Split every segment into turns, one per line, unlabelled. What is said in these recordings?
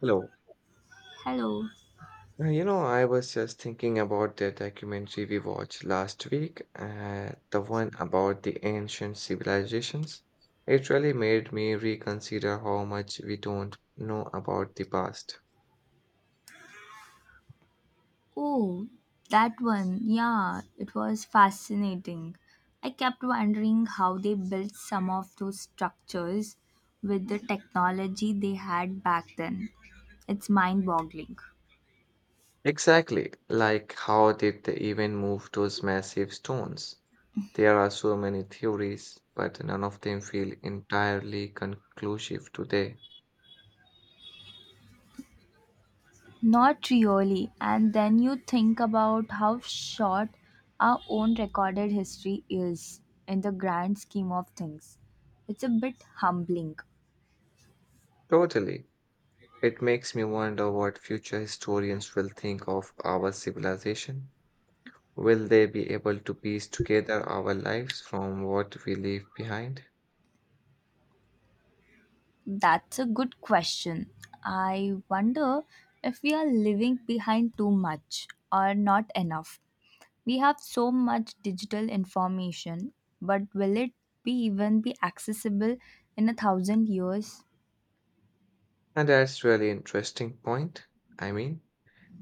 Hello.
Hello.
I was just thinking about the documentary we watched last week, the one about the ancient civilizations. It really made me reconsider how much we don't know about the past.
Oh, that one. Yeah, it was fascinating. I kept wondering how they built some of those structures with the technology they had back then. It's mind boggling.
Exactly, like how did they even move those massive stones? There are so many theories, but none of them feel entirely conclusive today.
Not really. And then you think about how short our own recorded history is in the grand scheme of things. It's a bit humbling.
Totally. It makes me wonder what future historians will think of our civilization. Will they be able to piece together our lives from what we leave behind?
That's a good question. I wonder if we are leaving behind too much or not enough. We have so much digital information, but will it be even be accessible in a thousand years?
And that's really interesting point. I mean,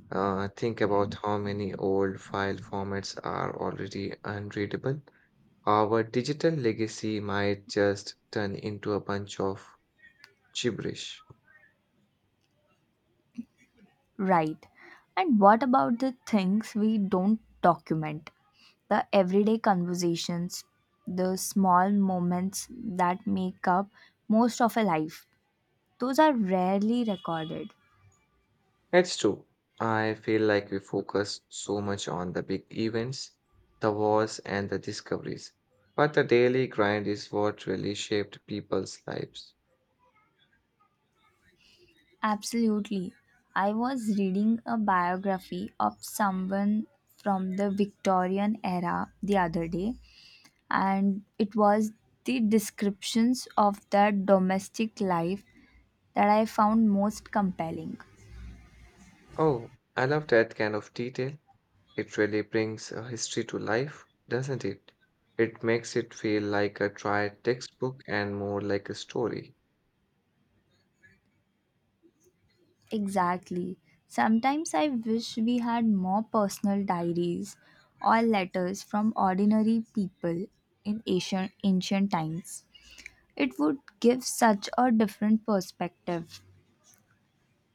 think about how many old file formats are already unreadable. Our digital legacy might just turn into a bunch of gibberish.
Right. And what about the things we don't document? The everyday conversations, the small moments that make up most of a life. Those are rarely recorded.
It's true. I feel like we focus so much on the big events, the wars, and the discoveries. But the daily grind is what really shaped people's lives.
Absolutely. I was reading a biography of someone from the Victorian era the other day, and it was the descriptions of their domestic life that I found most compelling.
Oh, I love that kind of detail. It really brings a history to life, doesn't it? It makes it feel like a tried textbook and more like a story.
Exactly. Sometimes I wish we had more personal diaries or letters from ordinary people in ancient, ancient times. It would give such a different perspective.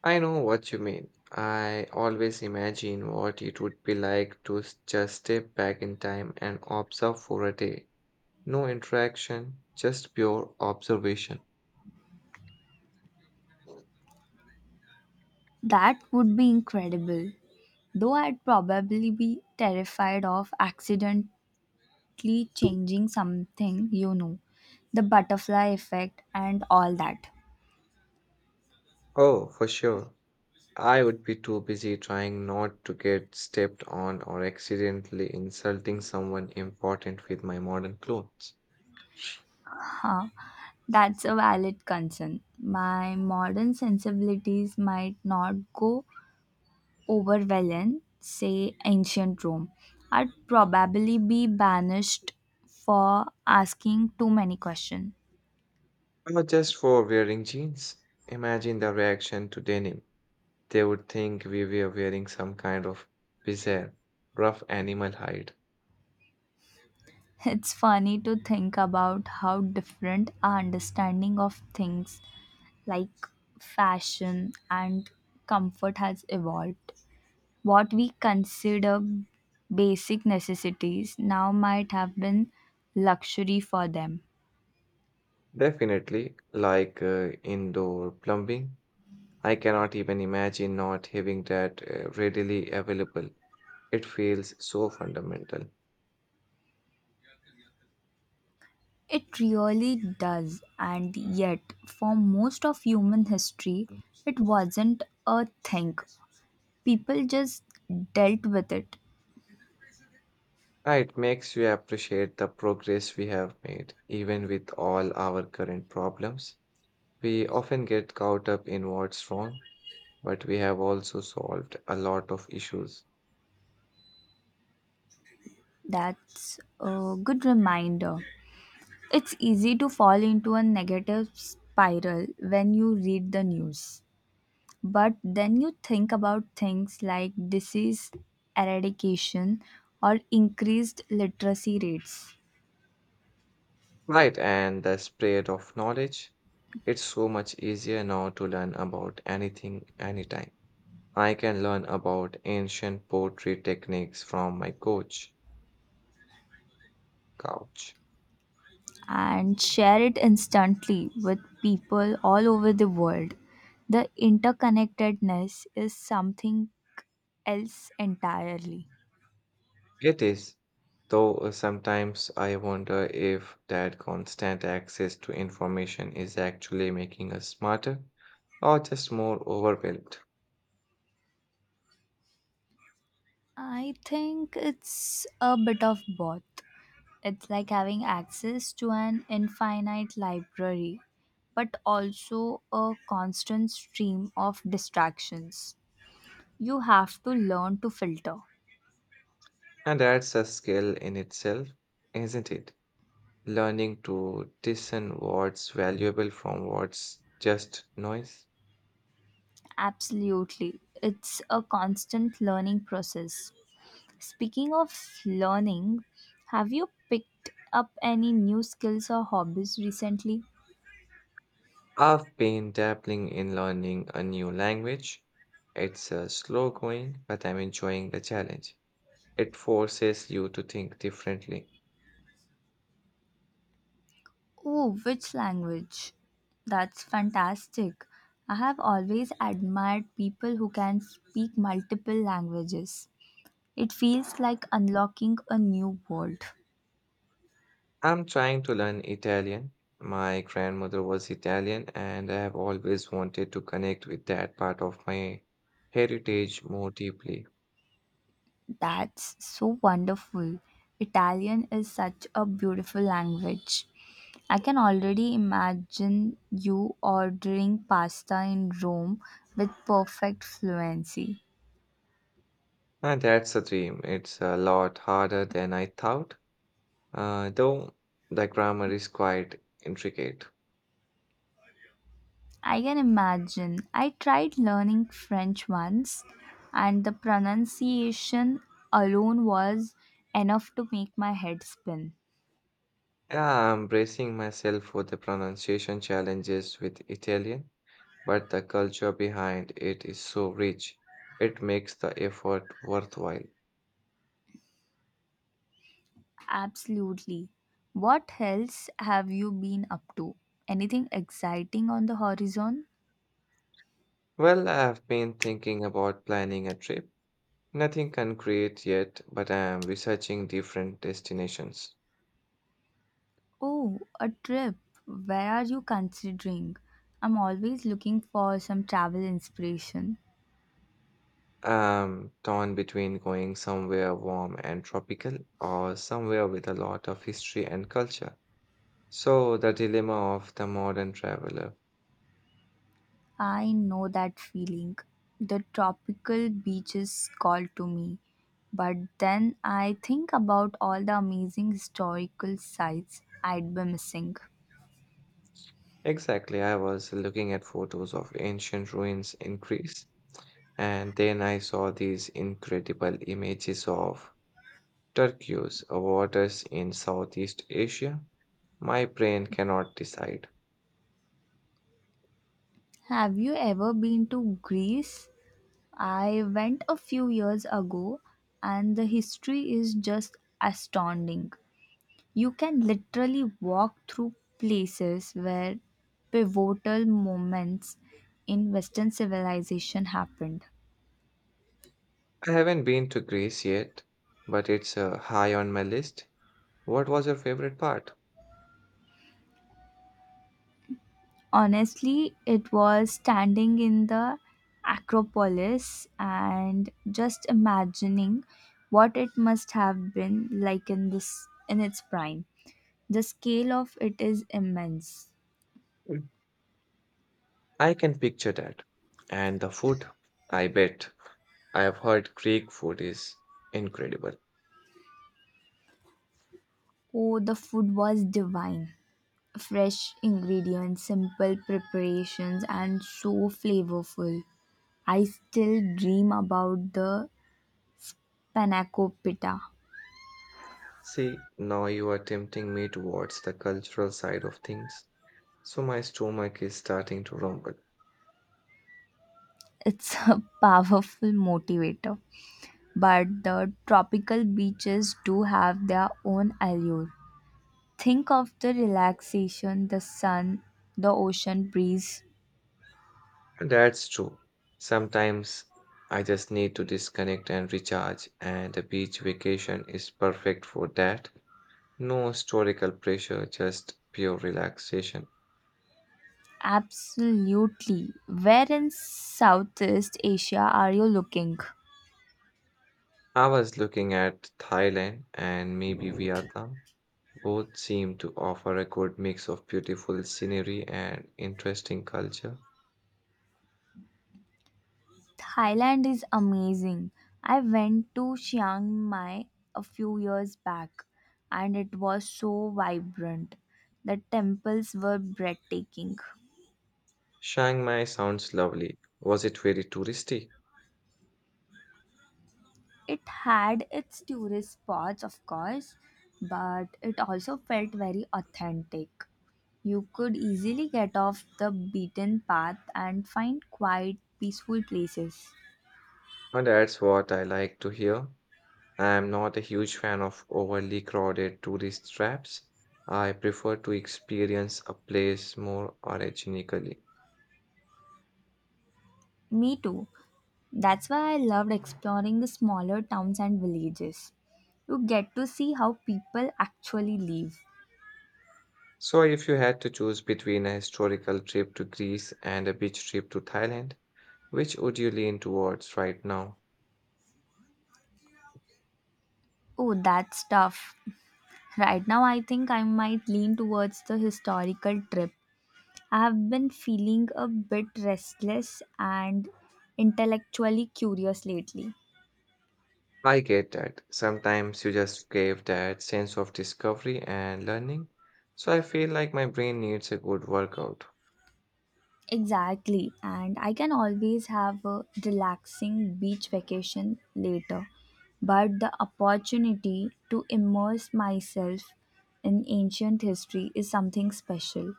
I know what you mean. I always imagine what it would be like to just step back in time and observe for a day. No interaction, just pure observation.
That would be incredible, though I'd probably be terrified of accidentally changing something, the butterfly effect and all that.
Oh, for sure. I would be too busy trying not to get stepped on or accidentally insulting someone important with my modern clothes.
Huh, that's a valid concern. My modern sensibilities might not go over well in, say, ancient Rome. I'd probably be banished for asking too many questions.
Or just for wearing jeans. Imagine the reaction to denim. They would think we were wearing some kind of bizarre, rough animal hide.
It's funny to think about how different our understanding of things like fashion and comfort has evolved. What we consider basic necessities now might have been luxury for them.
Definitely, like indoor plumbing. I cannot even imagine not having that readily available. It feels so fundamental.
It really does, and yet, for most of human history, it wasn't a thing. People just dealt with it.
Ah, it makes you appreciate the progress we have made, even with all our current problems. We often get caught up in what's wrong, but we have also solved a lot of issues.
That's a good reminder. It's easy to fall into a negative spiral when you read the news. But then you think about things like disease eradication or increased literacy rates
Right, and the spread of knowledge. It's so much easier now to learn about anything anytime. I can learn about ancient poetry techniques from my coach couch.
and share it instantly with people all over the world. The interconnectedness is something else entirely.
It is. Though sometimes I wonder if that constant access to information is actually making us smarter or just more overwhelmed.
I think it's a bit of both. It's like having access to an infinite library, but also a constant stream of distractions. You have to learn to filter.
And that's a skill in itself, isn't it? Learning to discern what's valuable from what's just noise.
Absolutely. It's a constant learning process. Speaking of learning, have you picked up any new skills or hobbies recently?
I've been dabbling in learning a new language. It's slow going, but I'm enjoying the challenge. It forces you to think differently.
Oh, which language? That's fantastic. I have always admired people who can speak multiple languages. It feels like unlocking a new world.
I'm trying to learn Italian. My grandmother was Italian, and I have always wanted to connect with that part of my heritage more deeply.
That's so wonderful. Italian is such a beautiful language. I can already imagine you ordering pasta in Rome with perfect fluency.
And that's a dream. It's a lot harder than I thought, though the grammar is quite intricate.
I can imagine. I tried learning French once, and the pronunciation alone was enough to make my head spin.
Yeah, I'm bracing myself for the pronunciation challenges with Italian, but the culture behind it is so rich. It makes the effort worthwhile.
Absolutely. What else have you been up to? Anything exciting on the horizon?
Well, I've been thinking about planning a trip. Nothing concrete yet, but I am researching different destinations.
Oh, a trip. Where are you considering? I'm always looking for some travel inspiration.
I'm torn between going somewhere warm and tropical or somewhere with a lot of history and culture. So, the dilemma of the modern traveler.
I know that feeling. The tropical beaches call to me. But then I think about all the amazing historical sites I'd be missing.
Exactly, I was looking at photos of ancient ruins in Greece, and then I saw these incredible images of turquoise waters in Southeast Asia. My brain cannot decide.
Have you ever been to Greece? I went a few years ago and the history is just astounding. You can literally walk through places where pivotal moments in Western civilization happened.
I haven't been to Greece yet, but it's high on my list. What was your favorite part?
Honestly, it was standing in the Acropolis and just imagining what it must have been like in its prime. The scale of it is immense.
Mm. I can picture that. And the food, I bet. I have heard Greek food is incredible.
Oh, the food was divine. Fresh ingredients, simple preparations and so flavorful. I still dream about the panna cotta.
See, now you are tempting me towards the cultural side of things, so my stomach is starting to rumble.
It's a powerful motivator, but the tropical beaches do have their own allure. Think of the relaxation, the sun, the ocean breeze.
And that's true. Sometimes I just need to disconnect and recharge, and a beach vacation is perfect for that. No historical pressure, just pure relaxation.
Absolutely. Where in Southeast Asia are you looking?
I was looking at Thailand and maybe Vietnam. Both seem to offer a good mix of beautiful scenery and interesting culture.
Thailand is amazing. I went to Chiang Mai a few years back and it was so vibrant. The temples were breathtaking.
Chiang Mai sounds lovely. Was it very touristy?
It had its tourist spots, of course, but it also felt very authentic. You could easily get off the beaten path and find quiet, peaceful places.
And that's what I like to hear. I am not a huge fan of overly crowded tourist traps. I prefer to experience a place more organically.
Me too. That's why I loved exploring the smaller towns and villages. You get to see how people actually live.
So, if you had to choose between a historical trip to Greece and a beach trip to Thailand, which would you lean towards right now?
Oh, that's tough. Right now, I think I might lean towards the historical trip. I've been feeling a bit restless and intellectually curious lately.
I get that. Sometimes you just crave that sense of discovery and learning. So, I feel like my brain needs a good workout.
Exactly, and I can always have a relaxing beach vacation later, but the opportunity to immerse myself in ancient history is something special.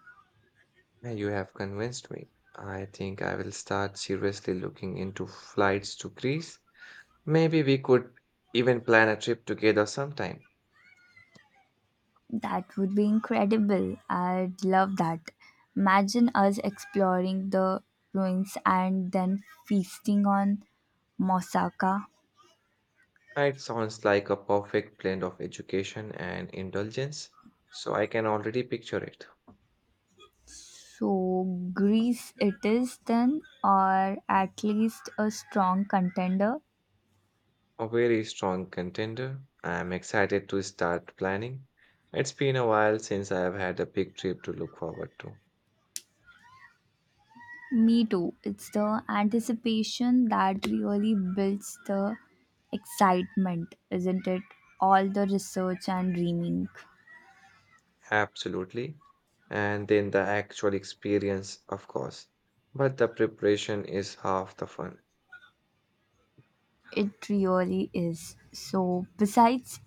And you have convinced me. I think I will start seriously looking into flights to Greece. Maybe we could even plan a trip together sometime.
That would be incredible. I'd love that. Imagine us exploring the ruins and then feasting on moussaka.
It sounds like a perfect blend of education and indulgence, so I can already picture it.
So Greece it is then, or at least a strong contender.
A very strong contender. I'm excited to start planning. It's been a while since I have had a big trip to look forward to.
Me too. It's the anticipation that really builds the excitement, isn't it? All the research and dreaming.
Absolutely. And then the actual experience, of course. But the preparation is half the fun.
It really is. So, besides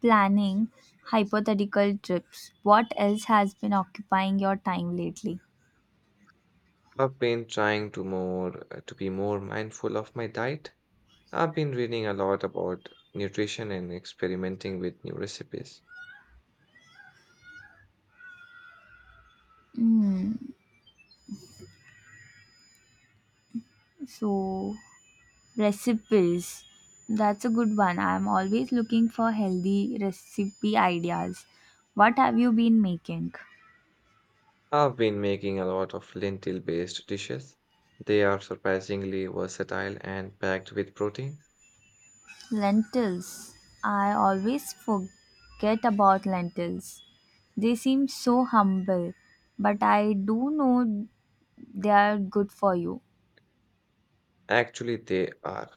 planning hypothetical trips, what else has been occupying your time lately?
I've been trying to more to be more mindful of my diet. I've been reading a lot about nutrition and experimenting with new recipes.
Hmm. So, recipes. That's a good one. I'm always looking for healthy recipe ideas. What have you been making?
I've been making a lot of lentil-based dishes. They are surprisingly versatile and packed with protein.
Lentils. I always forget about lentils. They seem so humble, but I do know they are good for you.
Actually, they are.